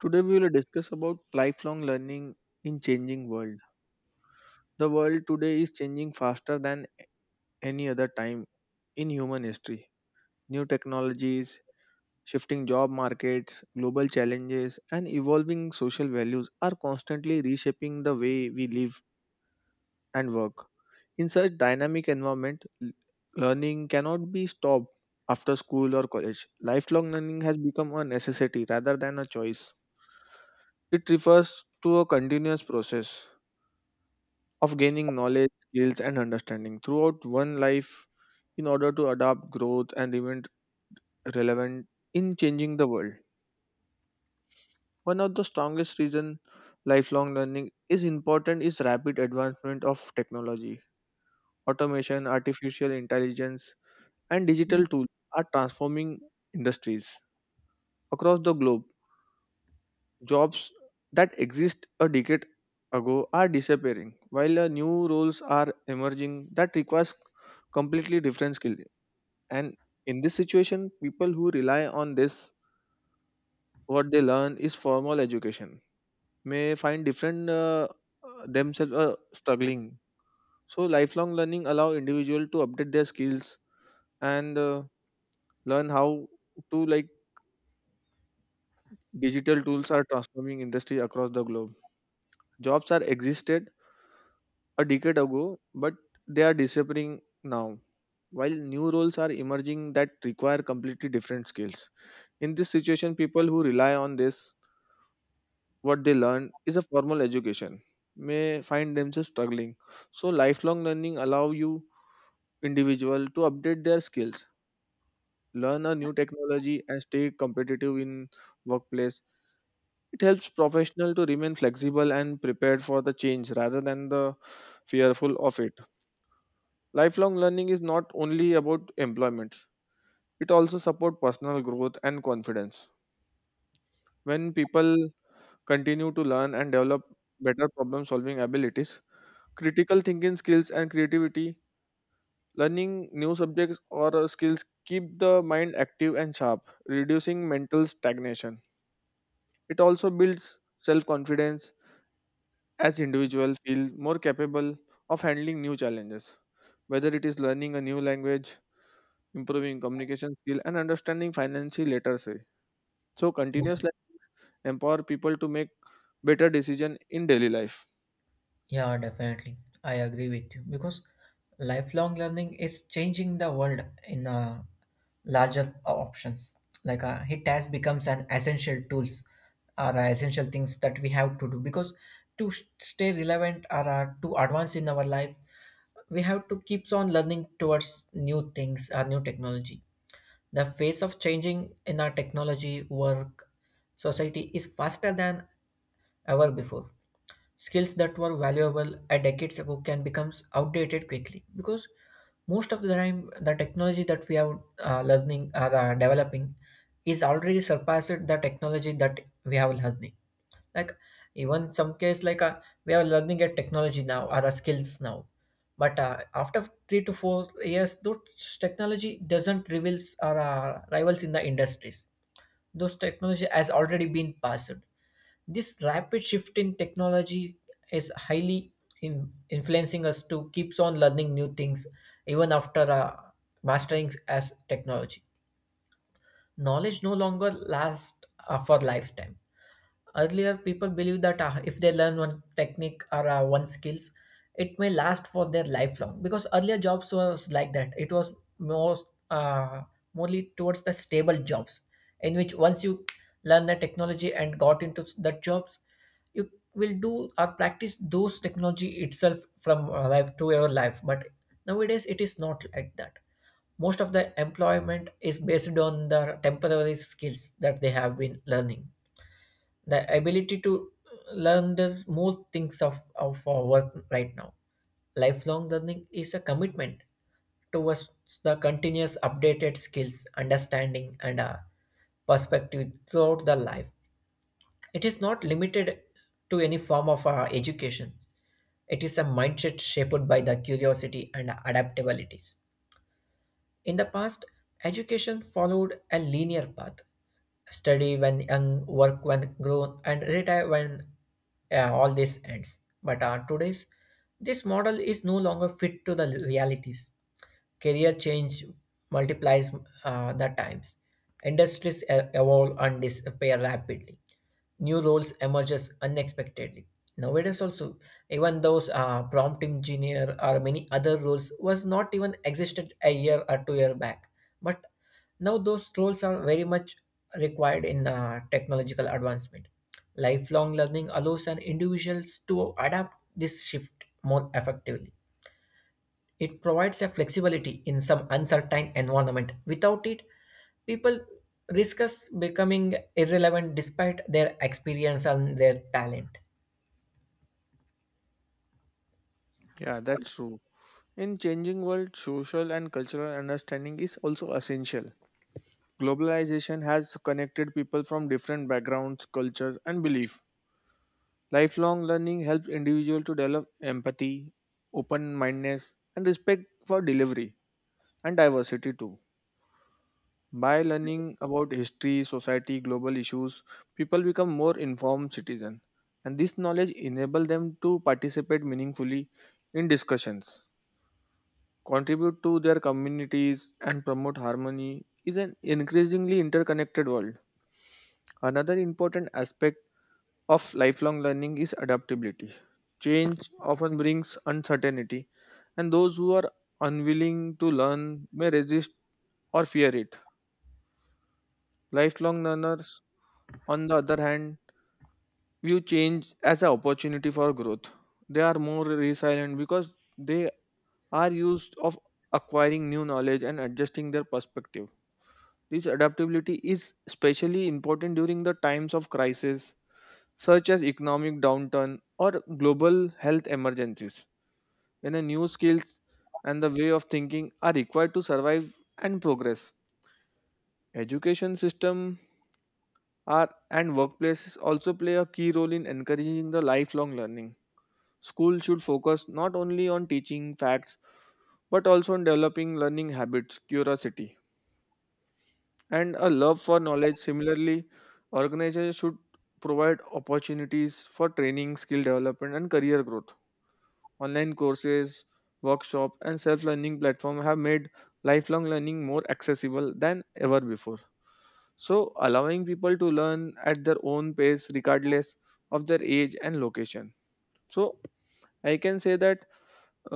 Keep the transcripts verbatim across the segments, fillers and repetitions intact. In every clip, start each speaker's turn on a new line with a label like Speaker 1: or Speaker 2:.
Speaker 1: Today we will discuss about lifelong learning in changing world. The world today is changing faster than any other time in human history. New technologies, shifting job markets, global challenges and evolving social values are constantly reshaping the way we live and work. In such dynamic environment, l- learning cannot be stopped after school or college. Lifelong learning has become a necessity rather than a choice. It refers to a continuous process of gaining knowledge, skills, and understanding throughout one life in order to adapt, growth, and remain relevant in changing the world. One of the strongest reason lifelong learning is important is rapid advancement of technology. Automation, artificial intelligence, and
Speaker 2: Yeah,
Speaker 1: digital tools are transforming industries across the globe. Jobs that exist a decade ago are disappearing, while uh, new roles are emerging that requires completely different skills. And in this situation, people who rely on this, what they learn is formal education, may find different uh, uh, themselves uh, struggling. So lifelong learning allow individual to update their skills and uh, learn how to like digital tools are transforming industry across the globe. Jobs are existed a decade ago, but they are disappearing now. While new roles are emerging that require completely different skills. In this situation, people who rely on this what they learn is a formal education may find themselves struggling, so lifelong learning allow you individual to update their skills, learn a new technology and stay competitive in workplace. It helps professional to remain flexible and prepared for the change rather than the fearful of it. Lifelong learning is not only about employment, it also support personal growth and confidence. When people continue to learn and develop better problem solving abilities, critical thinking skills and creativity. Learning new subjects or uh, skills keep the mind active and sharp, reducing mental stagnation. It also builds self confidence as individuals feel more capable of handling new challenges, whether it is learning a new language, improving communication skill and understanding financial literacy. So continuous learning empower people to make better decision in daily life.
Speaker 2: yeah, definitely. I agree with you because lifelong learning is changing the world in uh, larger options. Like uh, it has becomes an essential tools or uh, essential things that we have to do because to s- stay relevant or uh, to advance in our life, we have to keeps on learning towards new things or new technology. The phase of changing in our technology, work, society is faster than ever before. Skills that were valuable a decades ago can become outdated quickly because most of the time the technology that we are uh, learning or uh, developing is already surpassed the technology that we have learning. Like even some case like uh, we are learning a technology now or a skills now but uh, after three to four years those technology doesn't reveals or uh, rivals in the industries. Those technology has already been passed. This rapid shift in technology is highly in, influencing us to keeps on learning new things even after uh, mastering as technology. Knowledge no longer lasts uh, for lifetime. Earlier people believe that uh, if they learn one technique or uh, one skills, it may last for their lifelong because earlier jobs was like that. It was more uh, mostly towards the stable jobs in which once you learn the technology and got into the jobs, you will do or practice those technology itself from uh, life to your life. But nowadays it is not like that. Most of the employment is based on the temporary skills that they have been learning, the ability to learn the more things of, of our work right now. Lifelong learning is a commitment towards the continuous updated skills, understanding and uh, perspective throughout the life. It is not limited to any form of uh, education. It is a mindset shaped by the curiosity and adaptabilities. In the past, education followed a linear path: study when young, work when grown, and retire when uh, all this ends. But uh, today's this model is no longer fit to the realities. Career change multiplies uh, the times, industries e- evolve and disappear rapidly, new roles emerges unexpectedly. Nowadays also, even those uh, prompt engineer or many other roles was not even existed a year or two year back, but now those roles are very much required in uh, technological advancement. Lifelong learning allows an individuals to adapt this shift more effectively. It provides a flexibility in some uncertain environment. Without it, people risk us becoming irrelevant despite their experience and their talent.
Speaker 1: Yeah, that's true. In changing world, social and cultural understanding is also essential. Globalization has connected people from different backgrounds, cultures, and beliefs. Lifelong learning helps individuals to develop empathy, open-mindedness, and respect for delivery and diversity too. By learning about history, society, global issues, people become more informed citizens, and this knowledge enables them to participate meaningfully in discussions, contribute to their communities, and promote harmony is an increasingly interconnected world. Another important aspect of lifelong learning is adaptability. Change often brings uncertainty, and those who are unwilling to learn may resist or fear it. Lifelong learners, on the other hand, view change as an opportunity for growth. They are more resilient because they are used of acquiring new knowledge and adjusting their perspective. This adaptability is especially important during the times of crisis, such as economic downturn or global health emergencies, when the new skills and the way of thinking are required to survive and progress. Education system are and workplaces also play a key role in encouraging the lifelong learning. Schools should focus not only on teaching facts but also on developing learning habits, curiosity, and a love for knowledge. Similarly, organizations should provide opportunities for training, skill development, and career growth. Online courses, workshops, and self learning platforms have made lifelong learning more accessible than ever before. So, allowing people to learn at their own pace regardless of their age and location. So, I can say that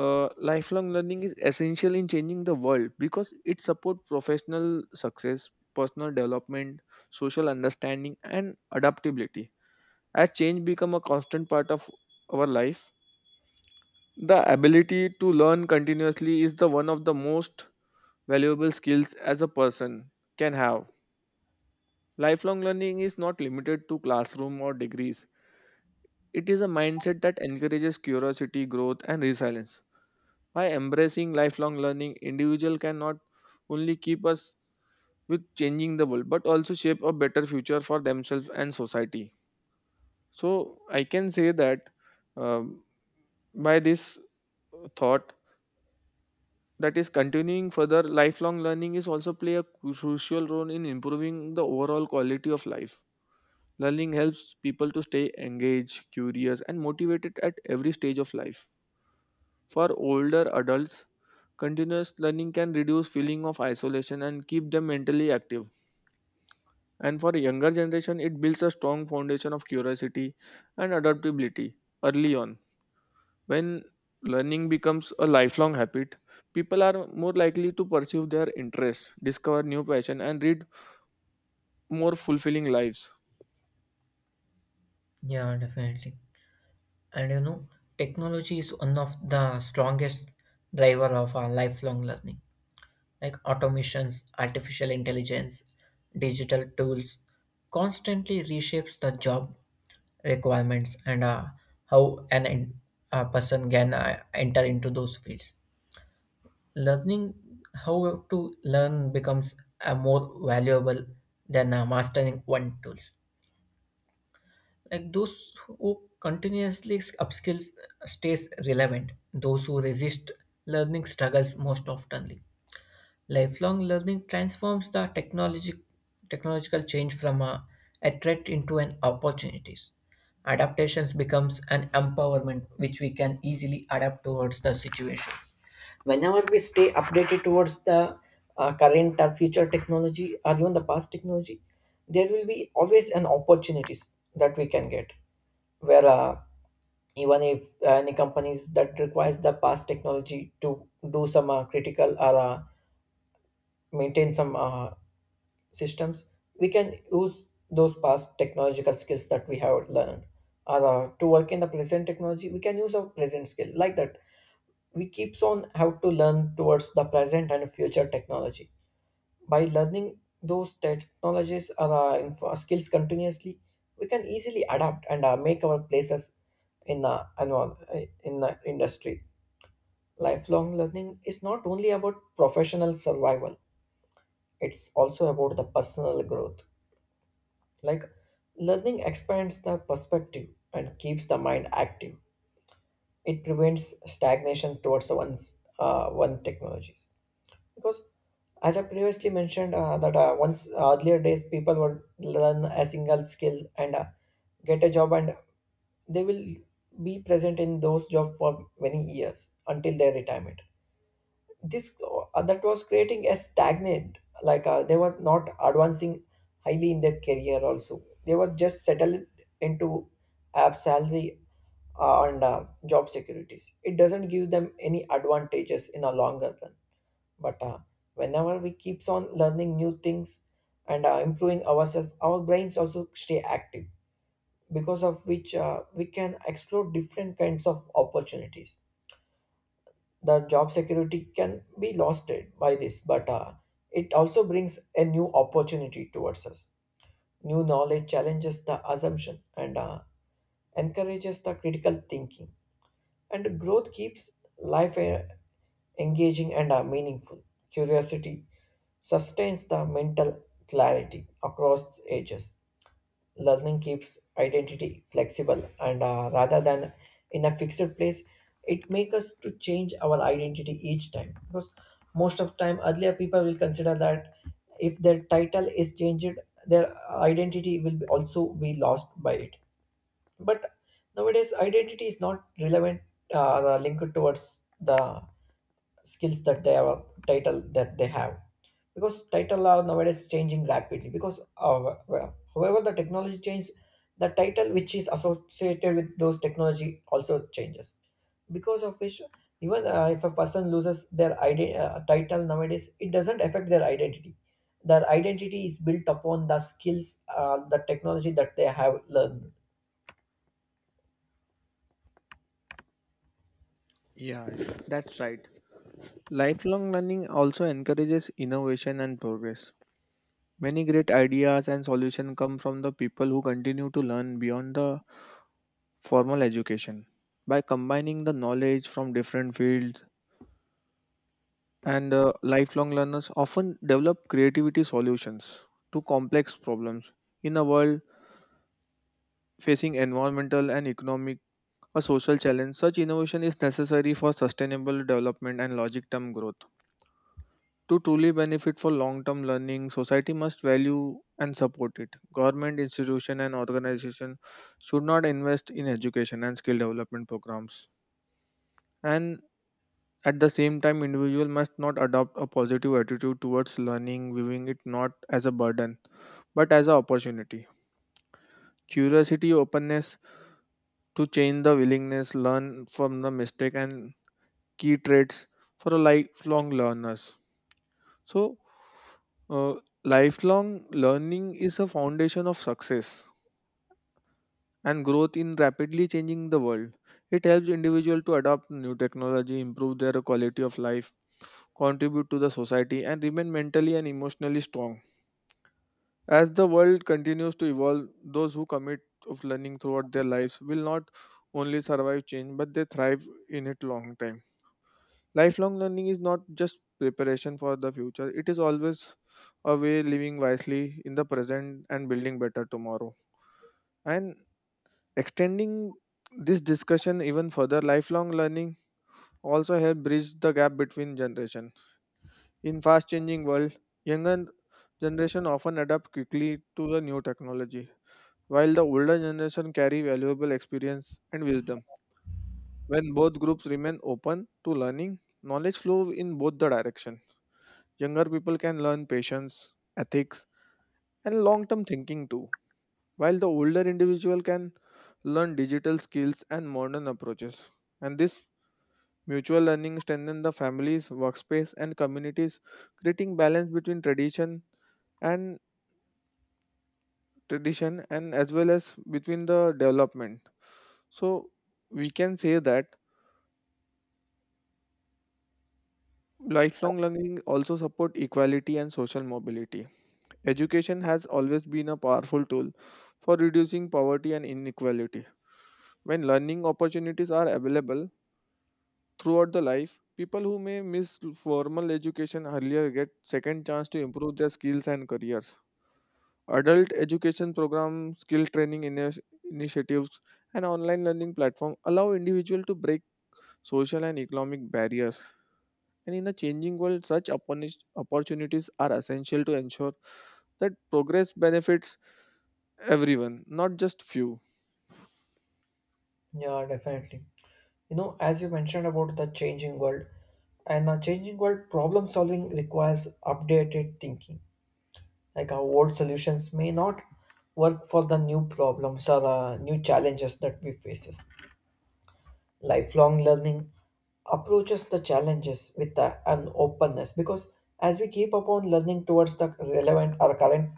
Speaker 1: Uh, lifelong learning is essential in changing the world because it supports professional success, personal development, social understanding, and adaptability. As change become a constant part of our life, the ability to learn continuously is the one of the most valuable skills as a person can have. Lifelong learning is not limited to classroom or degrees. It is a mindset that encourages curiosity, growth, and resilience. By embracing lifelong learning, individual can not only keep us with changing the world, but also shape a better future for themselves and society. So I can say that um, by this thought that is continuing further, lifelong learning is also play a cru- crucial role in improving the overall quality of life. Learning helps people to stay engaged, curious, and motivated at every stage of life. For older adults, continuous learning can reduce feeling of isolation and keep them mentally active. And for younger generation, it builds a strong foundation of curiosity and adaptability early on. When learning becomes a lifelong habit, people are more likely to pursue their interests, discover new passion and lead more fulfilling lives.
Speaker 2: Yeah, definitely. And you know, technology is one of the strongest driver of our lifelong learning. Like automations, artificial intelligence, digital tools constantly reshapes the job requirements and uh, how an in- a person can uh, enter into those fields. Learning how to learn becomes a more valuable than uh, mastering one tools. Like those who continuously upskills stays relevant. Those who resist learning struggles most oftenly. Lifelong learning transforms the technology, technological change from a, a threat into an opportunities. Adaptations becomes an empowerment which we can easily adapt towards the situations. Whenever we stay updated towards the uh, current or future technology or even the past technology, there will be always an opportunities that we can get where uh, even if uh, any companies that requires the past technology to do some uh, critical or uh, maintain some uh, systems, we can use those past technological skills that we have learned. Or uh, to work in the present technology, we can use our present skills like that. We keeps on have to learn towards the present and future technology. By learning those technologies or uh, info- skills continuously, we can easily adapt and uh, make our places in the envir- in the industry. Lifelong learning is not only about professional survival, it's also about the personal growth. Like learning expands the perspective and keeps the mind active. It prevents stagnation towards one's uh, one technologies. Because as I previously mentioned, uh, that uh, once earlier days people would learn a single skill and uh, get a job, and they will be present in those job for many years until their retirement. This uh, that was creating a stagnant, like uh, they were not advancing highly in their career, also they were just settled into app salary uh, and uh, job securities. It doesn't give them any advantages in a longer run. But uh, whenever we keeps on learning new things and uh, improving ourselves, our brains also stay active, because of which uh, we can explore different kinds of opportunities. The job security can be lost it- by this, but uh, it also brings a new opportunity towards us. New knowledge challenges the assumption and uh, encourages the critical thinking, and growth keeps life uh, engaging and uh, meaningful. Curiosity sustains the mental clarity across ages. Learning keeps identity flexible and uh, rather than in a fixed place, it makes us to change our identity each time. Because most of time earlier people will consider that if their title is changed, their identity will be- also be lost by it. But nowadays identity is not relevant uh, linked towards the skills that they have, title that they have, because title are nowadays changing rapidly. Because uh, well, however the technology changes, the title which is associated with those technology also changes, because of which even uh, if a person loses their ide- uh, title nowadays, it doesn't affect their identity. Their identity is built upon the skills, uh, the technology that they have learned.
Speaker 1: Yeah, that's right. Lifelong learning also encourages innovation and progress. Many great ideas and solutions come from the people who continue to learn beyond the formal education. By combining the knowledge from different fields and uh, lifelong learners often develop creativity solutions to complex problems. In a world facing environmental and economic or social challenge, such innovation is necessary for sustainable development and logic term growth. To truly benefit for long-term learning, society must value and support it. Government institution and organization should not invest in education and skill development programs. And at the same time, individual must not adopt a positive attitude towards learning, viewing it not as a burden but as an opportunity. Curiosity, openness to change the willingness, learn from the mistake and key traits for a lifelong learners. So, uh, lifelong learning is a foundation of success and growth in rapidly changing the world. It helps individual to adopt new technology, improve their quality of life, contribute to the society, and remain mentally and emotionally strong. As the world continues to evolve, those who commit of learning throughout their lives will not only survive change, but they thrive in it long time. Lifelong learning is not just preparation for the future, it is always a way living wisely in the present and building better tomorrow. And extending this discussion even further, lifelong learning also help bridge the gap between generations. In fast changing world, younger generation often adapt quickly to the new technology, while the older generation carry valuable experience and wisdom. When both groups remain open to learning, knowledge flow in both the direction. Younger people can learn patience, ethics, and long term thinking too, while the older individual can learn digital skills and modern approaches. And this mutual learning strengthens the families, workspace, and communities, creating balance between tradition and tradition and as well as between the development. So we can say that lifelong learning also support equality and social mobility. Education has always been a powerful tool for reducing poverty and inequality. When learning opportunities are available throughout the life, people who may miss formal education earlier get second chance to improve their skills and careers. Adult education programs, skill training ini- initiatives, and online learning platform allow individuals to break social and economic barriers. And in a changing world, such opportuni- opportunities are essential to ensure that progress benefits everyone, not just few.
Speaker 2: Yeah, definitely. You know, as you mentioned about the changing world, and a changing world, problem solving requires updated thinking. Like our old solutions may not work for the new problems or uh, new challenges that we faces. Lifelong learning approaches the challenges with a- an openness, because as we keep upon learning towards the relevant or current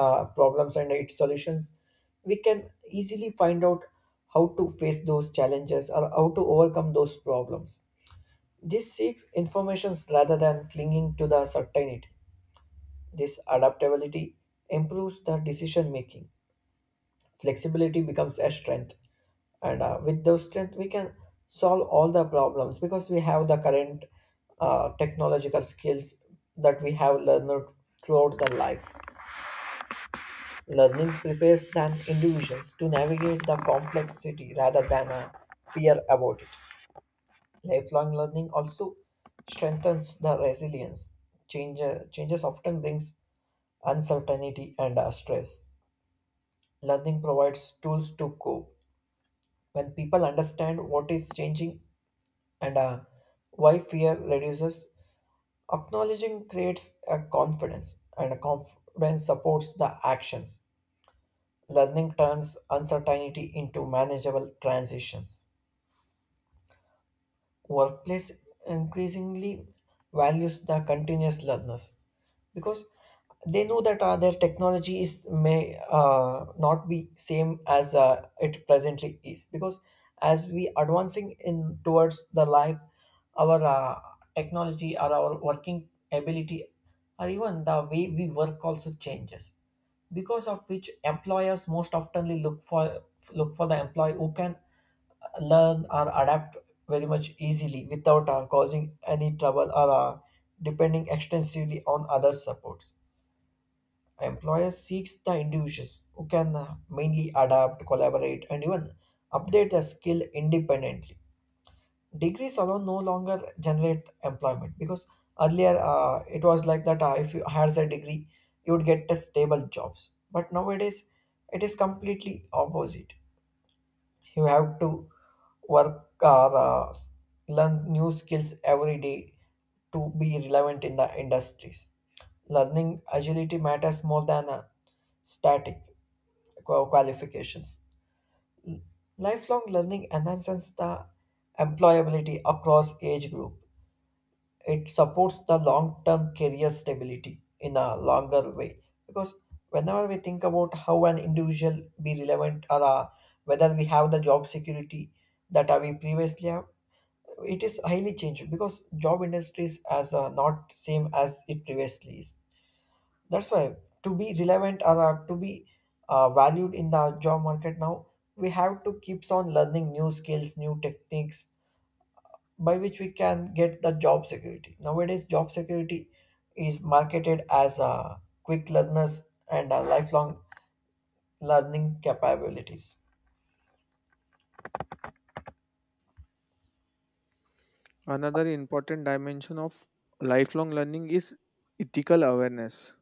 Speaker 2: uh, problems and its solutions, we can easily find out how to face those challenges or how to overcome those problems. This seeks informations rather than clinging to the certainty. This adaptability improves the decision making, flexibility becomes a strength, and uh, with those strength we can solve all the problems because we have the current uh, technological skills that we have learned throughout the life. Learning prepares than individuals to navigate the complexity rather than a fear about it. Lifelong learning also strengthens the resilience. Change, uh, changes often brings uncertainty and uh, stress. Learning provides tools to cope. When people understand what is changing and uh, why, fear reduces, acknowledging creates a confidence, and a confidence supports the actions. Learning turns uncertainty into manageable transitions. Workplace increasingly values the continuous learners because they know that uh, their technology is may uh, not be same as uh, it presently is. Because as we advancing in towards the life, our uh, technology or our working ability or even the way we work also changes, because of which employers most oftenly look for look for the employee who can learn or adapt very much easily without uh, causing any trouble or uh, depending extensively on other supports. Employer seeks the individuals who can uh, mainly adapt, collaborate, and even update their skill independently. Degrees alone no longer generate employment, because earlier uh, it was like that uh, if you had a degree, you would get a stable jobs. But nowadays, it is completely opposite. You have to work or uh, learn new skills every day to be relevant in the industries. Learning agility matters more than uh, static qua- qualifications. Lifelong learning enhances the employability across age group. It supports the long-term career stability in a longer way, because whenever we think about how an individual be relevant or uh, whether we have the job security that uh, we previously have, it is highly changed, because job industries as uh, not same as it previously is. That's why to be relevant or uh, to be uh, valued in the job market now, we have to keeps on learning new skills, new techniques, by which we can get the job security. Nowadays, job security is marketed as a quick learners and a lifelong learning capabilities.
Speaker 1: Another important dimension of lifelong learning is ethical awareness.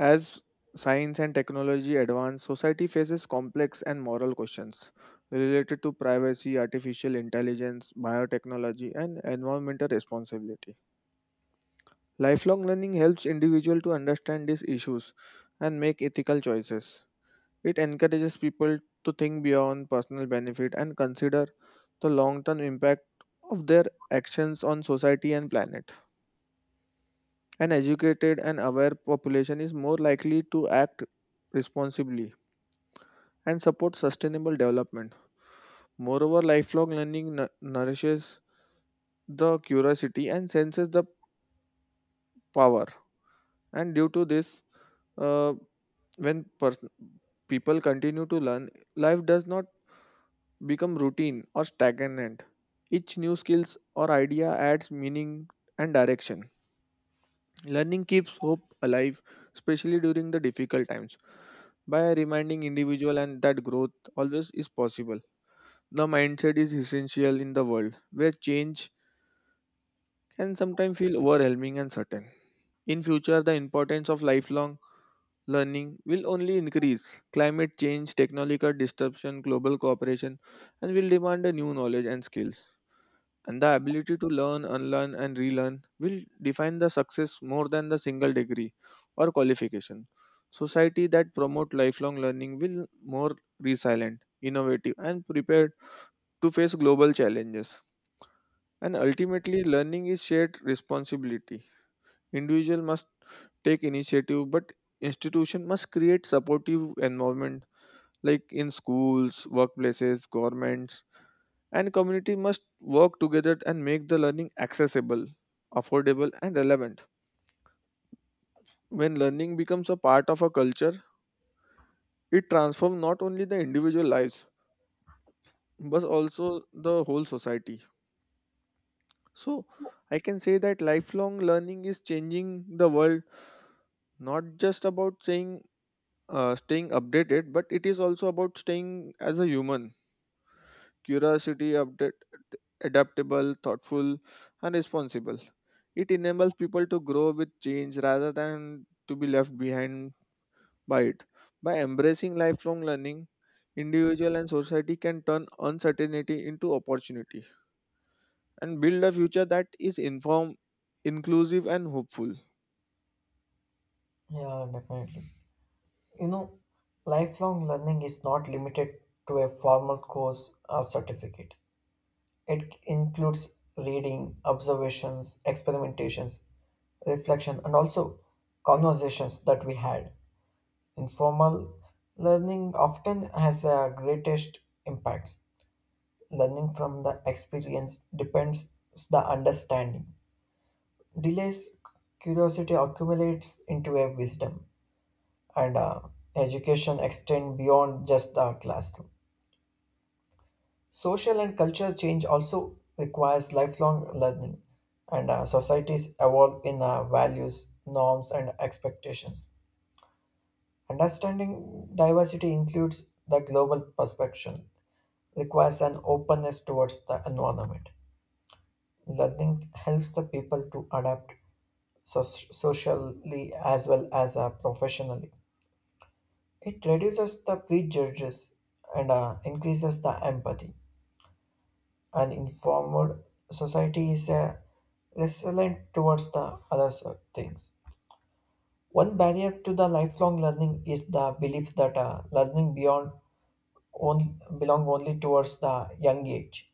Speaker 1: As science and technology advance, society faces complex and moral questions related to privacy, artificial intelligence, biotechnology, and environmental responsibility. Lifelong learning helps individuals to understand these issues and make ethical choices. It encourages people to think beyond personal benefit and consider the long-term impact of their actions on society and planet. An educated and aware population is more likely to act responsibly and support sustainable development. Moreover, lifelong learning nu- nourishes the curiosity and senses the power. And due to this, uh, when pers- people continue to learn, life does not become routine or stagnant. Each new skills or idea adds meaning and direction. Learning keeps hope alive, especially during the difficult times, by reminding individual and that growth always is possible. The mindset is essential in the world where change can sometimes feel overwhelming and certain. In future, the importance of lifelong learning will only increase. Climate change, technological disruption, global cooperation, and will demand a new knowledge and skills. And the ability to learn, unlearn, and relearn will define the success more than the single degree or qualification. Society that promote lifelong learning will more resilient, innovative, and prepared to face global challenges. And ultimately, learning is shared responsibility. Individual must take initiative, but institution must create supportive environment, like in schools, workplaces, governments, and community must work together and make the learning accessible, affordable, and relevant. When learning becomes a part of a culture, it transforms not only the individual lives but also the whole society. So, I can say that lifelong learning is changing the world not just about saying uh, staying updated, but it is also about staying as a human, curiosity update, adaptable, thoughtful, and responsible. It enables people to grow with change rather than to be left behind by it. By embracing lifelong learning, individual and society can turn uncertainty into opportunity and build a future that is informed, inclusive and hopeful.
Speaker 2: Yeah, definitely. You know, lifelong learning is not limited to a formal course or certificate. It includes reading, observations, experimentations, reflection, and also conversations that we had. Informal learning often has a greatest impacts. Learning from the experience depends the understanding. Delays curiosity accumulates into a wisdom, and uh, education extend beyond just the classroom. Social and cultural change also requires lifelong learning, and uh, societies evolve in uh, values, norms, and expectations. Understanding diversity includes the global perspective, requires an openness towards the environment. Learning helps the people to adapt so- socially as well as uh, professionally. It reduces the prejudges and uh, increases the empathy. An informed society is uh, resilient towards the other so- things. One barrier to the lifelong learning is the belief that uh, learning beyond on, belong only towards the young age.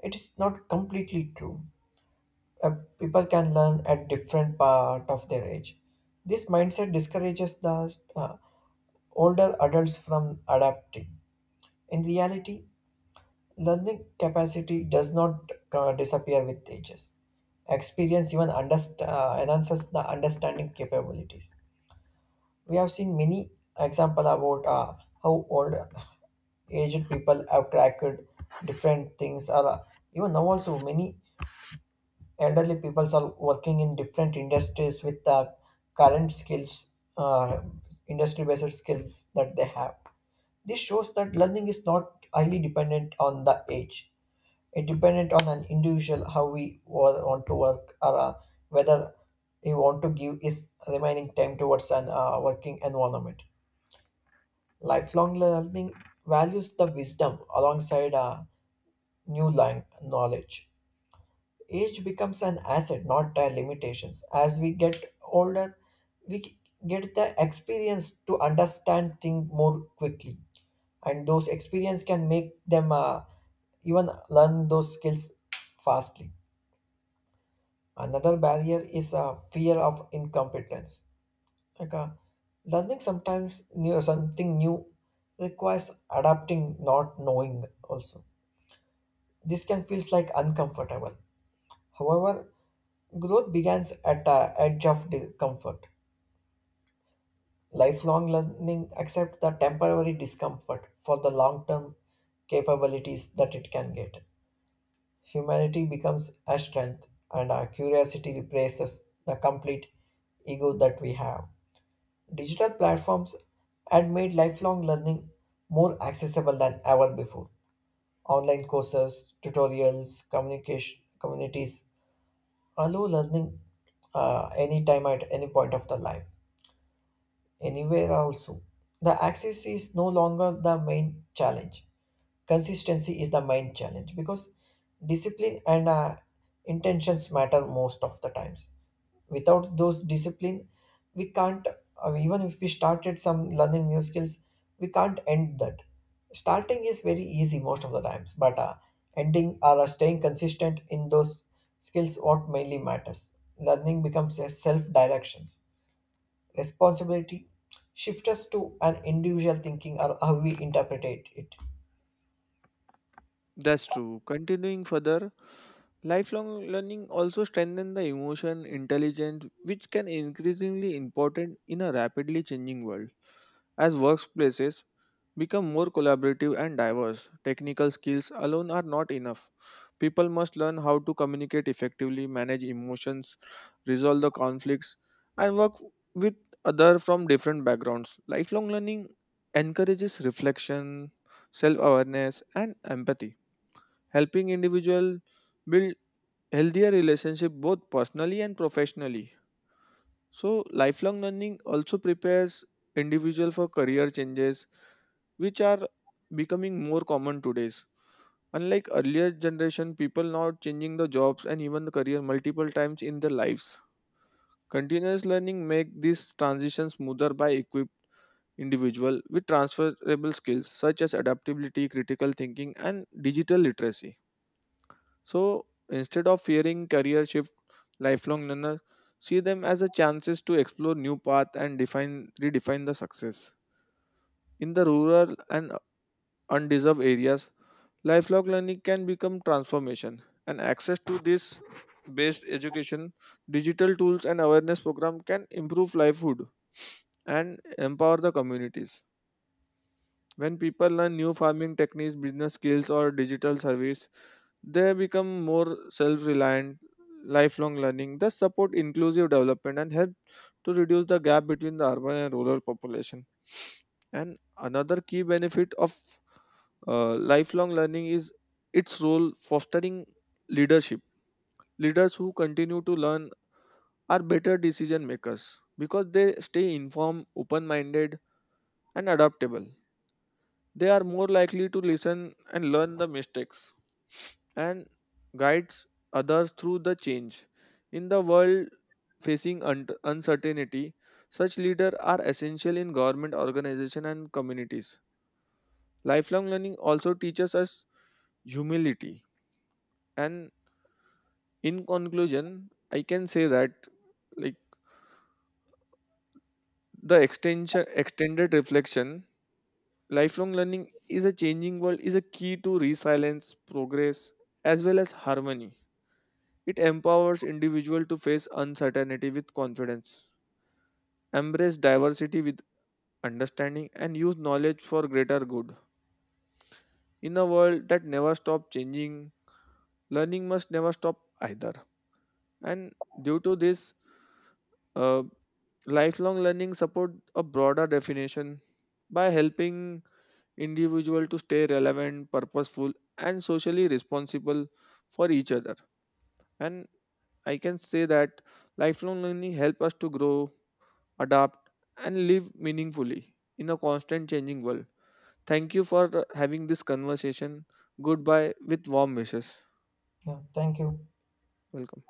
Speaker 2: It is not completely true. uh, People can learn at different part of their age. This mindset discourages the uh, older adults from adapting. In reality, learning capacity does not uh, disappear with ages. Experience even underst- uh, enhances the understanding capabilities. We have seen many example about uh, how old aged people have cracked different things or uh, even now also many elderly people are working in different industries with the current skills, uh, industry based skills that they have. This shows that learning is not highly dependent on the age, it dependent on an individual how we wa- want to work or uh, whether he want to give his remaining time towards an uh, working environment. Lifelong learning values the wisdom alongside uh, new lang- knowledge. Age becomes an asset, not a limitations. As we get older, we get the experience to understand things more quickly, and those experience can make them uh, even learn those skills fastly. Another barrier is a fear of incompetence. Like uh, learning sometimes new something new requires adapting, not knowing. Also, this can feels like uncomfortable. However, growth begins at a edge of discomfort. Lifelong learning accepts the temporary discomfort for the long term capabilities that it can get. Humanity becomes a strength, and our curiosity replaces the complete ego that we have. Digital platforms had made lifelong learning more accessible than ever before. Online courses, tutorials, communication communities allow learning uh, anytime at any point of the life, anywhere also. The access is no longer the main challenge. Consistency is the main challenge, because discipline and uh, intentions matter most of the times. Without those discipline, we can't, uh, even if we started some learning new skills, we can't end that. Starting is very easy most of the times, but uh, ending or uh, staying consistent in those skills what mainly matters. Learning becomes a self directions responsibility, shift us to an individual thinking or how we interpret it.
Speaker 1: That's true. Continuing further, lifelong learning also strengthens the emotion intelligence, which can increasingly important in a rapidly changing world. As workplaces become more collaborative and diverse, technical skills alone are not enough. People must learn how to communicate effectively, manage emotions, resolve the conflicts, and work with others from different backgrounds. Lifelong learning encourages reflection, self awareness, and empathy, helping individual build healthier relationship both personally and professionally. So lifelong learning also prepares individual for career changes which are becoming more common today's. Unlike earlier generation, people now changing the jobs and even the career multiple times in their lives. Continuous learning make this transition smoother by equip individual with transferable skills such as adaptability, critical thinking, and digital literacy. So instead of fearing career shift, lifelong learner see them as a chances to explore new path and define redefine the success. In the rural and undeserved areas, lifelong learning can become transformation and access to this based education, digital tools and awareness program can improve livelihood and empower the communities. When people learn new farming techniques, business skills or digital service, they become more self reliant. Lifelong learning, thus, support inclusive development and help to reduce the gap between the urban and rural population. And another key benefit of uh, lifelong learning is its role fostering leadership. Leaders who continue to learn are better decision makers because they stay informed, open minded, and adaptable. They are more likely to listen and learn the mistakes and guides others through the change in the world facing un- uncertainty. Such leaders are essential in government organization and communities. Lifelong learning also teaches us humility. And in conclusion, I can say that, like, the extension extended reflection, lifelong learning is a changing world is a key to resilience progress as well as harmony. It empowers individuals to face uncertainty with confidence, embrace diversity with understanding, and use knowledge for greater good. In a world that never stops changing, learning must never stop either. And due to this, uh, lifelong learning support a broader definition by helping individual to stay relevant, purposeful, and socially responsible for each other. And I can say that lifelong learning help us to grow, adapt, and live meaningfully in a constant changing world. Thank you for having this conversation. Goodbye with warm wishes.
Speaker 2: Yeah, thank you.
Speaker 1: Welcome.